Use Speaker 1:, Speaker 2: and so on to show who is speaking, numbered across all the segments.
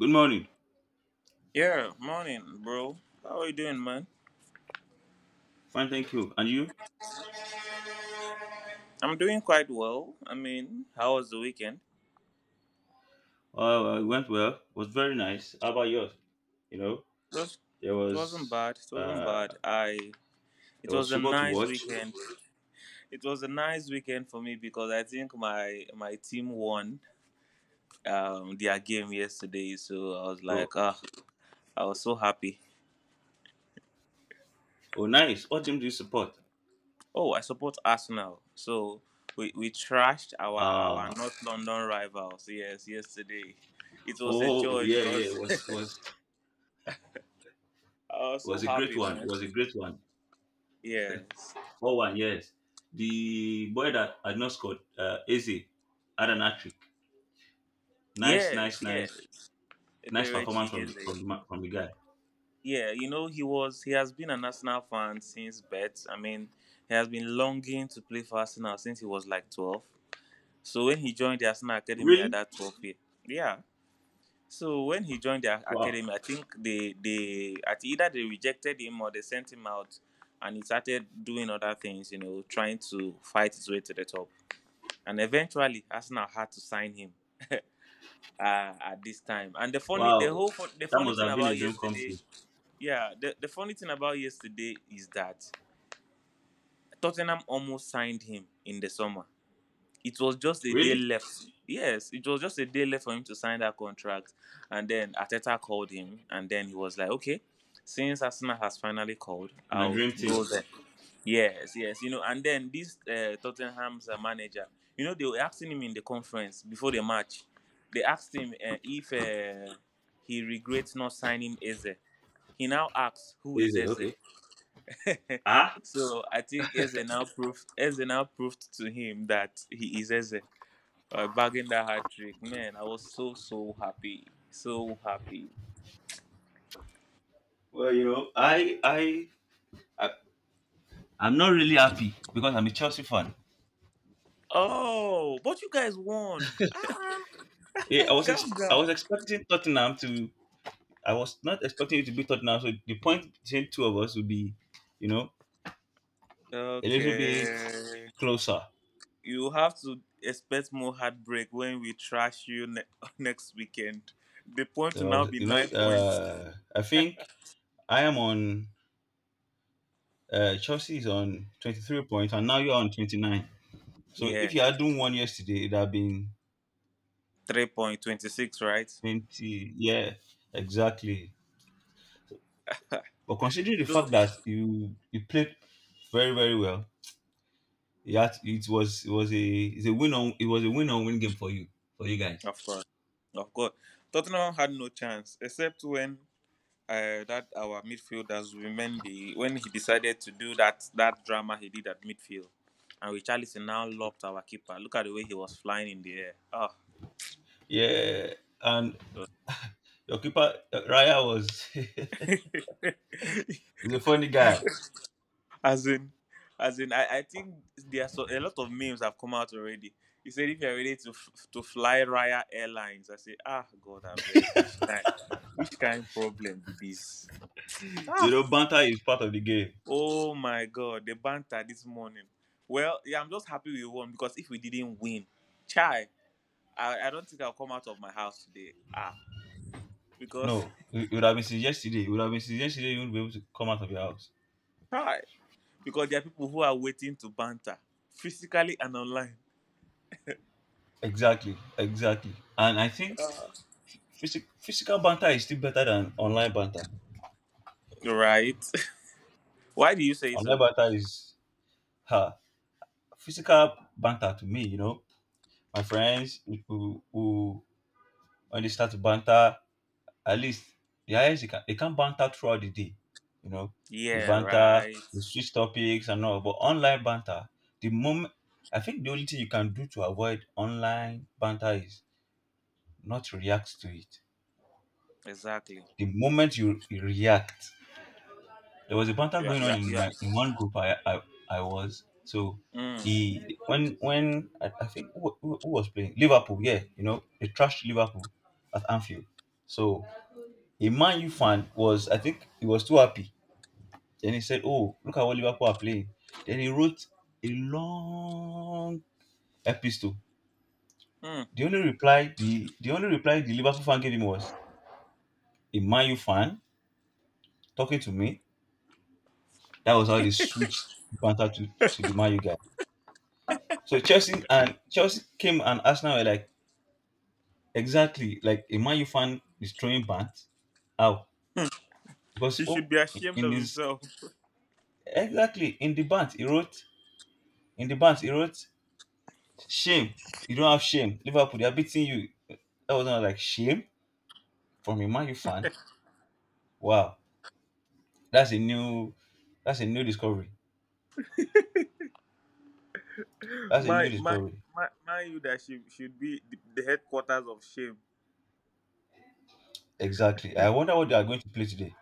Speaker 1: Good morning.
Speaker 2: Yeah, morning, bro. How are you doing, man?
Speaker 1: Fine, thank you. And you?
Speaker 2: I'm doing quite well. I mean, how was the weekend?
Speaker 1: Well, it went well. Was very nice. How about yours? You know,
Speaker 2: It, was,
Speaker 1: there
Speaker 2: it wasn't
Speaker 1: was
Speaker 2: bad. It wasn't
Speaker 1: uh,
Speaker 2: bad. I. It
Speaker 1: there was
Speaker 2: was a
Speaker 1: football to
Speaker 2: nice
Speaker 1: watch.
Speaker 2: weekend. It was a nice weekend for me because I think my team won their game yesterday. So I was
Speaker 1: Oh,
Speaker 2: like, ah, I was so happy.
Speaker 1: oh, nice. What team do you support?
Speaker 2: Oh, I support Arsenal. So we trashed our
Speaker 1: Uh
Speaker 2: North London rivals. Yes, yesterday. It was a
Speaker 1: oh
Speaker 2: joy
Speaker 1: yeah, yeah. It
Speaker 2: because
Speaker 1: was was
Speaker 2: I was so
Speaker 1: was a great
Speaker 2: happy,
Speaker 1: one. It
Speaker 2: man.
Speaker 1: was a great one.
Speaker 2: Yes.
Speaker 1: 4-1, yes. The boy that had not scored, Eze, had an hat trick. Nice,
Speaker 2: Yes,
Speaker 1: nice, nice,
Speaker 2: yes.
Speaker 1: nice performance
Speaker 2: Eberechi
Speaker 1: from
Speaker 2: is
Speaker 1: the
Speaker 2: a,
Speaker 1: from the ma- from the guy.
Speaker 2: yeah, he has been an Arsenal fan since birth. I mean, he has been longing to play for Arsenal since he was like 12. So when he joined the Arsenal Academy at
Speaker 1: Really?
Speaker 2: that 12 year. Yeah. So when he joined the
Speaker 1: Wow,
Speaker 2: academy, I think they at either they rejected him or they sent him out and he started doing other things, trying to fight his way to the top. And eventually Arsenal had to sign him. At this time. And the funny,
Speaker 1: wow.
Speaker 2: the whole, fun, the
Speaker 1: That
Speaker 2: funny
Speaker 1: must
Speaker 2: thing
Speaker 1: have been a
Speaker 2: about
Speaker 1: dream come
Speaker 2: yesterday,
Speaker 1: true.
Speaker 2: yeah, the funny thing about yesterday is that Tottenham almost signed him in the summer. It was just a day
Speaker 1: Really?
Speaker 2: left. Yes, it was just a day left for him to sign that contract. And then Ateta called him, and then he was like, okay, since Arsenal has finally called,
Speaker 1: My
Speaker 2: I'll
Speaker 1: dream team.
Speaker 2: go there. Yes, yes, and then this Tottenham's manager, they were asking him in the conference before the match. They asked him if he regrets not signing Eze. He now asks, "Who
Speaker 1: Is
Speaker 2: is
Speaker 1: it
Speaker 2: Eze?"
Speaker 1: okay? Ah,
Speaker 2: So I think Eze now proved to him that he is Eze. Bagging that hat trick, man, I was so happy, so happy.
Speaker 1: well, I, I'm not really happy because I'm a Chelsea fan.
Speaker 2: Oh, but you guys won! Ah,
Speaker 1: Yeah, I was,
Speaker 2: calm
Speaker 1: I
Speaker 2: down.
Speaker 1: was expecting Tottenham to. I was not expecting it to be Tottenham. So the point between two of us would be, you know, a little bit
Speaker 2: Okay.
Speaker 1: closer.
Speaker 2: You have to expect more heartbreak when we trash you next weekend. The point will
Speaker 1: So I
Speaker 2: now
Speaker 1: was,
Speaker 2: be 9 points.
Speaker 1: I think I am on. Chelsea is on 23 points, and now you're on 29. So
Speaker 2: Yeah,
Speaker 1: if you had done one yesterday, it'd have been
Speaker 2: 3 point 26, right?
Speaker 1: 20. Yeah, exactly. So, But considering the
Speaker 2: So
Speaker 1: fact that you played very very well, you had, it was a it's a win on it was a win on win game for you guys.
Speaker 2: of course, of course, Tottenham had no chance except when that our midfielders Mendy when he decided to do that drama he did at midfield, and Richarlison now lopped our keeper. Look at the way he was flying in the air. Oh,
Speaker 1: Yeah, and your keeper Raya was
Speaker 2: it
Speaker 1: he's a funny guy.
Speaker 2: As in, as in, I think there are a lot of memes have come out already. He said, if you're ready to to fly Raya Airlines, I say, ah, God, I beg, which kind problem be this?
Speaker 1: You
Speaker 2: Ah,
Speaker 1: know, banter is part of the game.
Speaker 2: oh my God, the banter this morning. Well, yeah, I'm just happy we won because if we didn't win, chai, I don't think I'll come out of my house today. Ah, because
Speaker 1: No, it would have been since yesterday. It would have been since yesterday. You wouldn't be able to come out of your house.
Speaker 2: chai, because there are people who are waiting to banter physically and online.
Speaker 1: Exactly, exactly. And I think physical banter is still better than online banter.
Speaker 2: Right? Why do you say
Speaker 1: Online
Speaker 2: so?
Speaker 1: banter is ha physical banter to me. You know, my friends who, when they start to banter, at least the highest they can banter throughout the day. You know, they
Speaker 2: Yeah,
Speaker 1: banter,
Speaker 2: right.
Speaker 1: they switch topics and all. But online banter, the moment, I think, the only thing you can do to avoid online banter is not react to it.
Speaker 2: Exactly.
Speaker 1: The moment you react, there was a banter
Speaker 2: Yeah,
Speaker 1: going on
Speaker 2: yeah,
Speaker 1: in
Speaker 2: yeah.
Speaker 1: my in one group, I was so,
Speaker 2: Mm,
Speaker 1: he when I think, who was playing Liverpool. Yeah, they trashed Liverpool at Anfield. So a Man U fan was, I think he was too happy. Then he said, oh, look at what Liverpool are playing. Then he wrote a long epistle.
Speaker 2: mm.
Speaker 1: The the only reply the Liverpool fan gave him was: a Man U fan talking to me. That was how they switched banter to the Man U guy. So Chelsea came, and Arsenal were, like, exactly like a Man U fan is throwing bant. How? Because,
Speaker 2: He
Speaker 1: oh,
Speaker 2: should be ashamed
Speaker 1: in
Speaker 2: of
Speaker 1: his
Speaker 2: himself.
Speaker 1: exactly, in the bant he wrote shame. You don't have shame. Liverpool, they are beating you. That was not like shame from a Man U fan. Wow, that's a new that's a new discovery. That's a new
Speaker 2: My, my,
Speaker 1: discovery.
Speaker 2: my leadership should be the headquarters of shame.
Speaker 1: Exactly. I wonder what they are going to play today.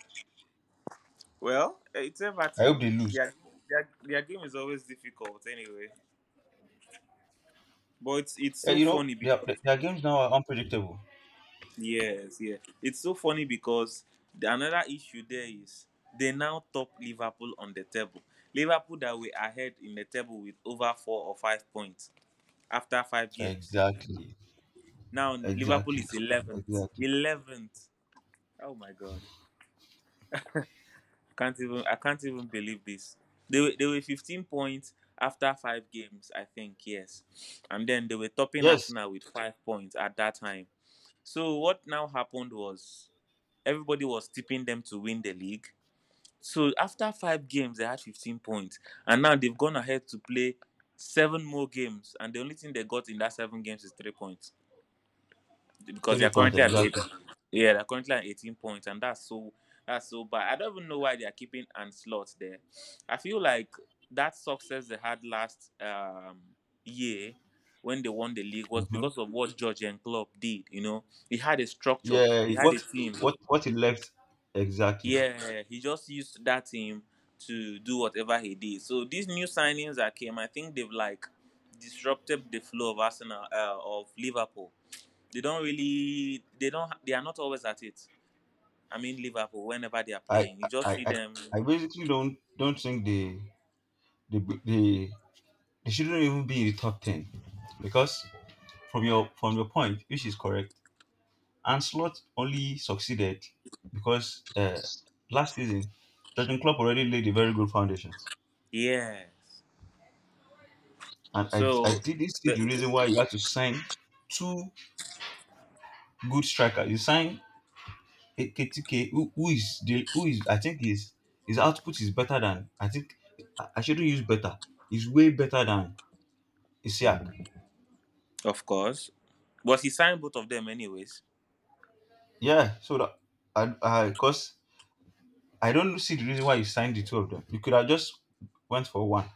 Speaker 2: Well, it's
Speaker 1: I hope
Speaker 2: Everton.
Speaker 1: they lose.
Speaker 2: Their, their game is always difficult anyway. But it's so
Speaker 1: You know,
Speaker 2: funny because,
Speaker 1: their games now are unpredictable.
Speaker 2: yes, yeah, it's so funny because another issue there is they now top Liverpool on the table. Liverpool that were ahead in the table with over 4 or 5 points after five games.
Speaker 1: Exactly.
Speaker 2: Now Liverpool
Speaker 1: Exactly.
Speaker 2: is 11th.
Speaker 1: Exactly.
Speaker 2: 11th. Oh my god. I can't even believe this. They were 15 points after five games, I think, yes. And then they were topping
Speaker 1: Yes.
Speaker 2: Arsenal with 5 points at that time. So what now happened was everybody was tipping them to win the league. So after five games they had 15 points. And now they've gone ahead to play seven more games and the only thing they got in that seven games is 3 points, because they
Speaker 1: Three
Speaker 2: are
Speaker 1: point.
Speaker 2: currently at eight.
Speaker 1: Exactly.
Speaker 2: Yeah, they're currently at 18 points, and that's so bad. I don't even know why they are keeping and slots there. I feel like that success they had last year when they won the league was
Speaker 1: Hmm.
Speaker 2: because of what George Klopp did. He had a structure,
Speaker 1: Yeah.
Speaker 2: he had a
Speaker 1: What
Speaker 2: team.
Speaker 1: what it left, exactly.
Speaker 2: Yeah, he just used that team to do whatever he did. So these new signings that came, I think they've like disrupted the flow of Arsenal, of Liverpool. They don't really. They don't. They are not always at it. I mean, Liverpool. Whenever they are
Speaker 1: I
Speaker 2: playing, you
Speaker 1: I
Speaker 2: just see
Speaker 1: I,
Speaker 2: them.
Speaker 1: I basically don't think they they they shouldn't even be in the top ten, because from your point, which is correct, Anslot only succeeded because, last season, Jurgen Klopp already laid a very good foundation,
Speaker 2: Yes.
Speaker 1: and
Speaker 2: So,
Speaker 1: I didn't see
Speaker 2: the,
Speaker 1: the reason why you had to sign two good strikers. You sign Ekitike, who is the who is, I think, his output is better than, I think — I shouldn't use better. It's way better than Isiak.
Speaker 2: of course, but he signed both of them anyways.
Speaker 1: Yeah, so that, I, because I don't see the reason why you signed the two of them. You could have just went for one.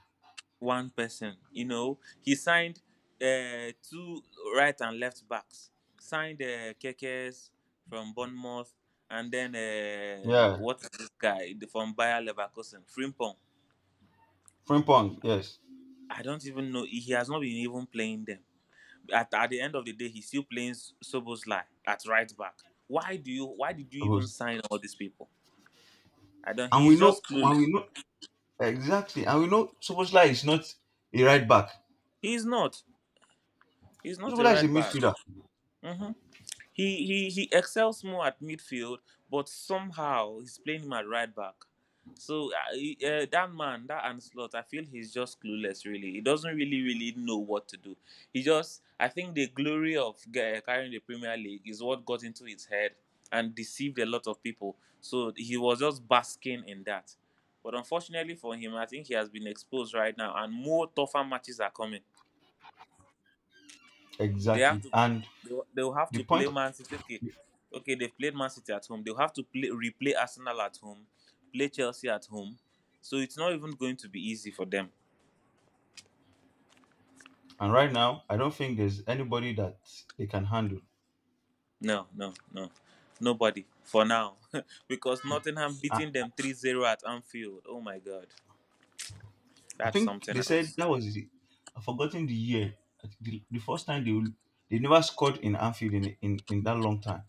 Speaker 2: One person, he signed two right and left backs. Signed Kekes from Bournemouth, and then
Speaker 1: Yeah,
Speaker 2: what is this guy from Bayer Leverkusen, Frimpong.
Speaker 1: Frimpong, yes,
Speaker 2: I don't even know. He has not been even playing them. At the end of the day, he's still playing Sobosly at right back. Why do you? Why did you even
Speaker 1: suppose.
Speaker 2: sign all these people? I don't.
Speaker 1: And we
Speaker 2: He's
Speaker 1: know,
Speaker 2: just clueless.
Speaker 1: exactly, and we know Soboslai is not a right back.
Speaker 2: He's not. He's not a
Speaker 1: Soboslai is a
Speaker 2: right back.
Speaker 1: midfielder,
Speaker 2: Mhm. He excels more at midfield, but somehow he's playing him at right back. So that man, that Anslot, I feel he's just clueless. Really, he doesn't really know what to do. He just, I think, the glory of carrying the Premier League is what got into his head and deceived a lot of people. So he was just basking in that. But unfortunately for him, I think he has been exposed right now, and more tougher matches are coming. They have
Speaker 1: exactly.
Speaker 2: to.
Speaker 1: And
Speaker 2: They'll have
Speaker 1: the
Speaker 2: to
Speaker 1: point,
Speaker 2: play Man City. Okay, okay. They've played Man City at home. They'll have to play replay Arsenal at home, play Chelsea at home. So it's not even going to be easy for them.
Speaker 1: and right now, I don't think there's anybody that they can handle.
Speaker 2: No, no, no. Nobody for now, because Nottingham
Speaker 1: I,
Speaker 2: beating them 3-0 at Anfield. Oh my God,
Speaker 1: I
Speaker 2: that's
Speaker 1: think
Speaker 2: something
Speaker 1: they said
Speaker 2: else.
Speaker 1: that was the — I've forgotten the year. The first time they never scored in Anfield in in that long time.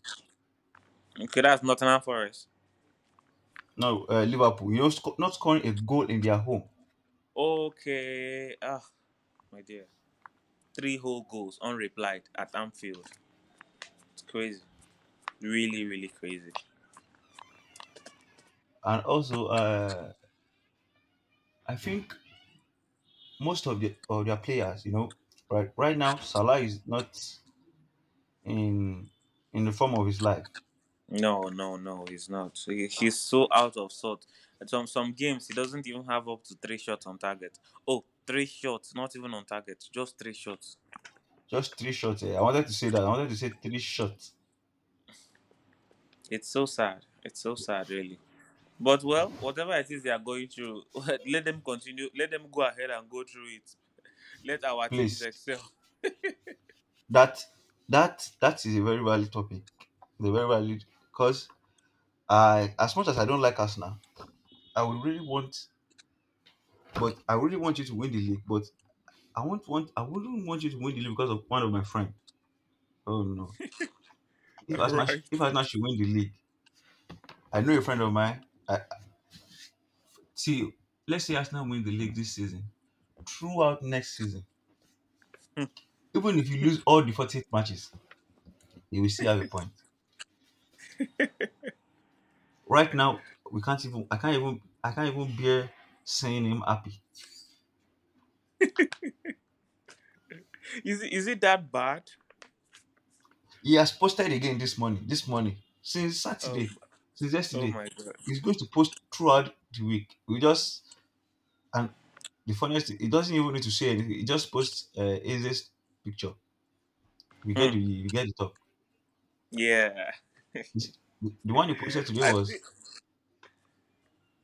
Speaker 2: Okay, that's Nottingham Forest.
Speaker 1: No, Liverpool, not scoring a goal in their home,
Speaker 2: Okay, ah, my dear, three whole goals unreplied at Anfield. It's crazy, really, really crazy.
Speaker 1: and also, I think most of their players, you know, right now Salah is not in the form of his life.
Speaker 2: No, no, no, he's not. He's so out of sort. At some games, he doesn't even have up to three shots on target. Oh, three shots, not even on target, just three shots.
Speaker 1: Just three shots. Eh. I wanted to say that. I wanted to say three shots.
Speaker 2: It's so sad. It's so sad, really. But well, whatever it is they are going through, let them continue. Let them go ahead and go through it. Let our teams
Speaker 1: Please,
Speaker 2: excel.
Speaker 1: that that is a very valid topic. The very valid, because, I as much as I don't like Arsenal, I would really want, but I really want you to win the league, but I wouldn't want you to win the league because of one of my friend. Oh no.
Speaker 2: Right?
Speaker 1: If Arsenal should win the league, I know a friend of mine. See, let's say Arsenal win the league this season. Throughout next season, even if you lose all the 48 matches, you will still have a point. Right now, we can't even I can't even I can't even bear seeing him happy.
Speaker 2: Is it that bad?
Speaker 1: He has posted again this morning. This morning, since
Speaker 2: Oh,
Speaker 1: Saturday, since
Speaker 2: oh
Speaker 1: yesterday,
Speaker 2: my god.
Speaker 1: he's going to post throughout the week. We just And the funniest thing, he doesn't even need to say anything. He just posts, Aze's picture.
Speaker 2: Hmm.
Speaker 1: We get the top.
Speaker 2: Yeah.
Speaker 1: It's- The one he posted today
Speaker 2: I
Speaker 1: was,
Speaker 2: think.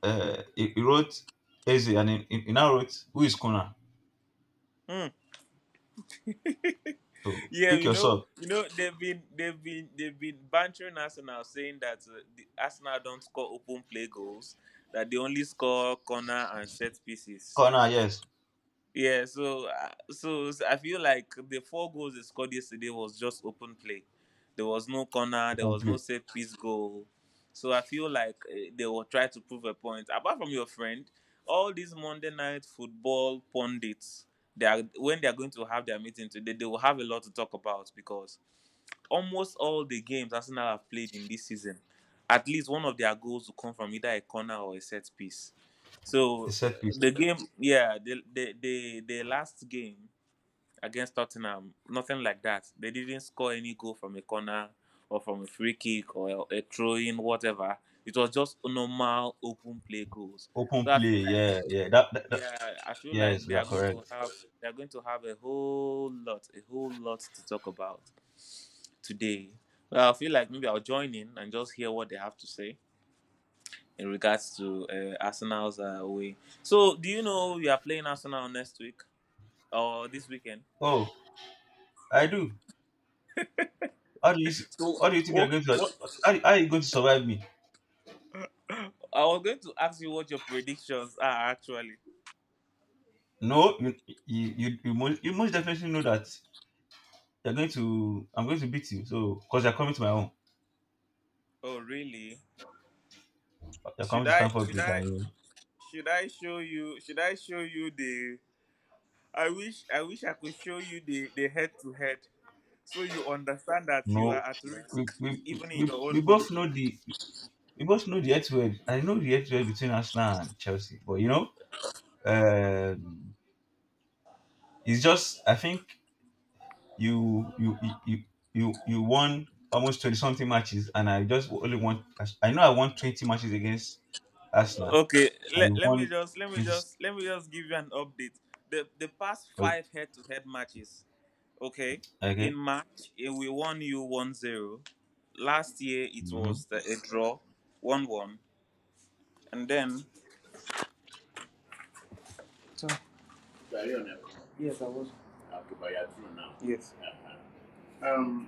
Speaker 1: he wrote Aze, and he now wrote, who is Kona? So
Speaker 2: Yeah,
Speaker 1: pick yourself.
Speaker 2: they've been bantering Arsenal, saying that the Arsenal don't score open play goals, that they only score corner and set pieces.
Speaker 1: Kona, yes,
Speaker 2: Yeah, so I feel like the four goals they scored yesterday was just open play. There was no corner, there
Speaker 1: open
Speaker 2: was no
Speaker 1: play.
Speaker 2: set piece goal. So I feel like they will try to prove a point. Apart from your friend, all these Monday night football pundits, they are when they are going to have their meeting today, they will have a lot to talk about because almost all the games Arsenal have played in this season, at least one of their goals will come from either a corner or a set piece.
Speaker 1: A
Speaker 2: So
Speaker 1: set piece,
Speaker 2: the game, yeah, the last game against Tottenham, nothing like that. They didn't score any goal from a corner or from a free kick or a throw in, whatever. It was just normal open play goals.
Speaker 1: open
Speaker 2: So
Speaker 1: play. Yeah, yeah. That, that, that
Speaker 2: yeah, I feel like
Speaker 1: Yes,
Speaker 2: they
Speaker 1: we are
Speaker 2: are going to
Speaker 1: correct.
Speaker 2: have they are going to have a whole lot to talk about today. Well, I feel like maybe I'll join in and just hear what they have to say in regards to Arsenal's way. So, do you know we are playing Arsenal next week or this weekend?
Speaker 1: Oh, I do. How do you s-
Speaker 2: So,
Speaker 1: how do you think you're
Speaker 2: what,
Speaker 1: going to
Speaker 2: what,
Speaker 1: how are you going to survive me?
Speaker 2: I was going to ask you what your predictions are actually.
Speaker 1: No, you most definitely know that you're going to I'm going to beat you. So because you're coming to my home,
Speaker 2: Oh, really?
Speaker 1: you're coming
Speaker 2: Should
Speaker 1: to
Speaker 2: I?
Speaker 1: Stanford
Speaker 2: Should
Speaker 1: Bridge,
Speaker 2: I?
Speaker 1: and you
Speaker 2: Should I show you? Should I show you the? I wish. I wish I could show you the head to head, so you understand that
Speaker 1: know
Speaker 2: you are at risk even in your
Speaker 1: we
Speaker 2: own home.
Speaker 1: both know the head, I know the head between Arsenal and Chelsea, but um, it's just, I think, you you you you you won almost 20 something matches, and I know I won 20 matches against Arsenal.
Speaker 2: Okay,
Speaker 1: I
Speaker 2: let, let me
Speaker 1: want
Speaker 2: just let me
Speaker 1: this,
Speaker 2: just let me just give you an update. The past
Speaker 1: o-
Speaker 2: five head to head matches, okay, in
Speaker 1: okay.
Speaker 2: March we won you 1-0. Last year it
Speaker 1: Hmm.
Speaker 2: was a draw, 1-1, and then you are here now. Yes, I was. Okay, but you are through now. Yes. Yeah.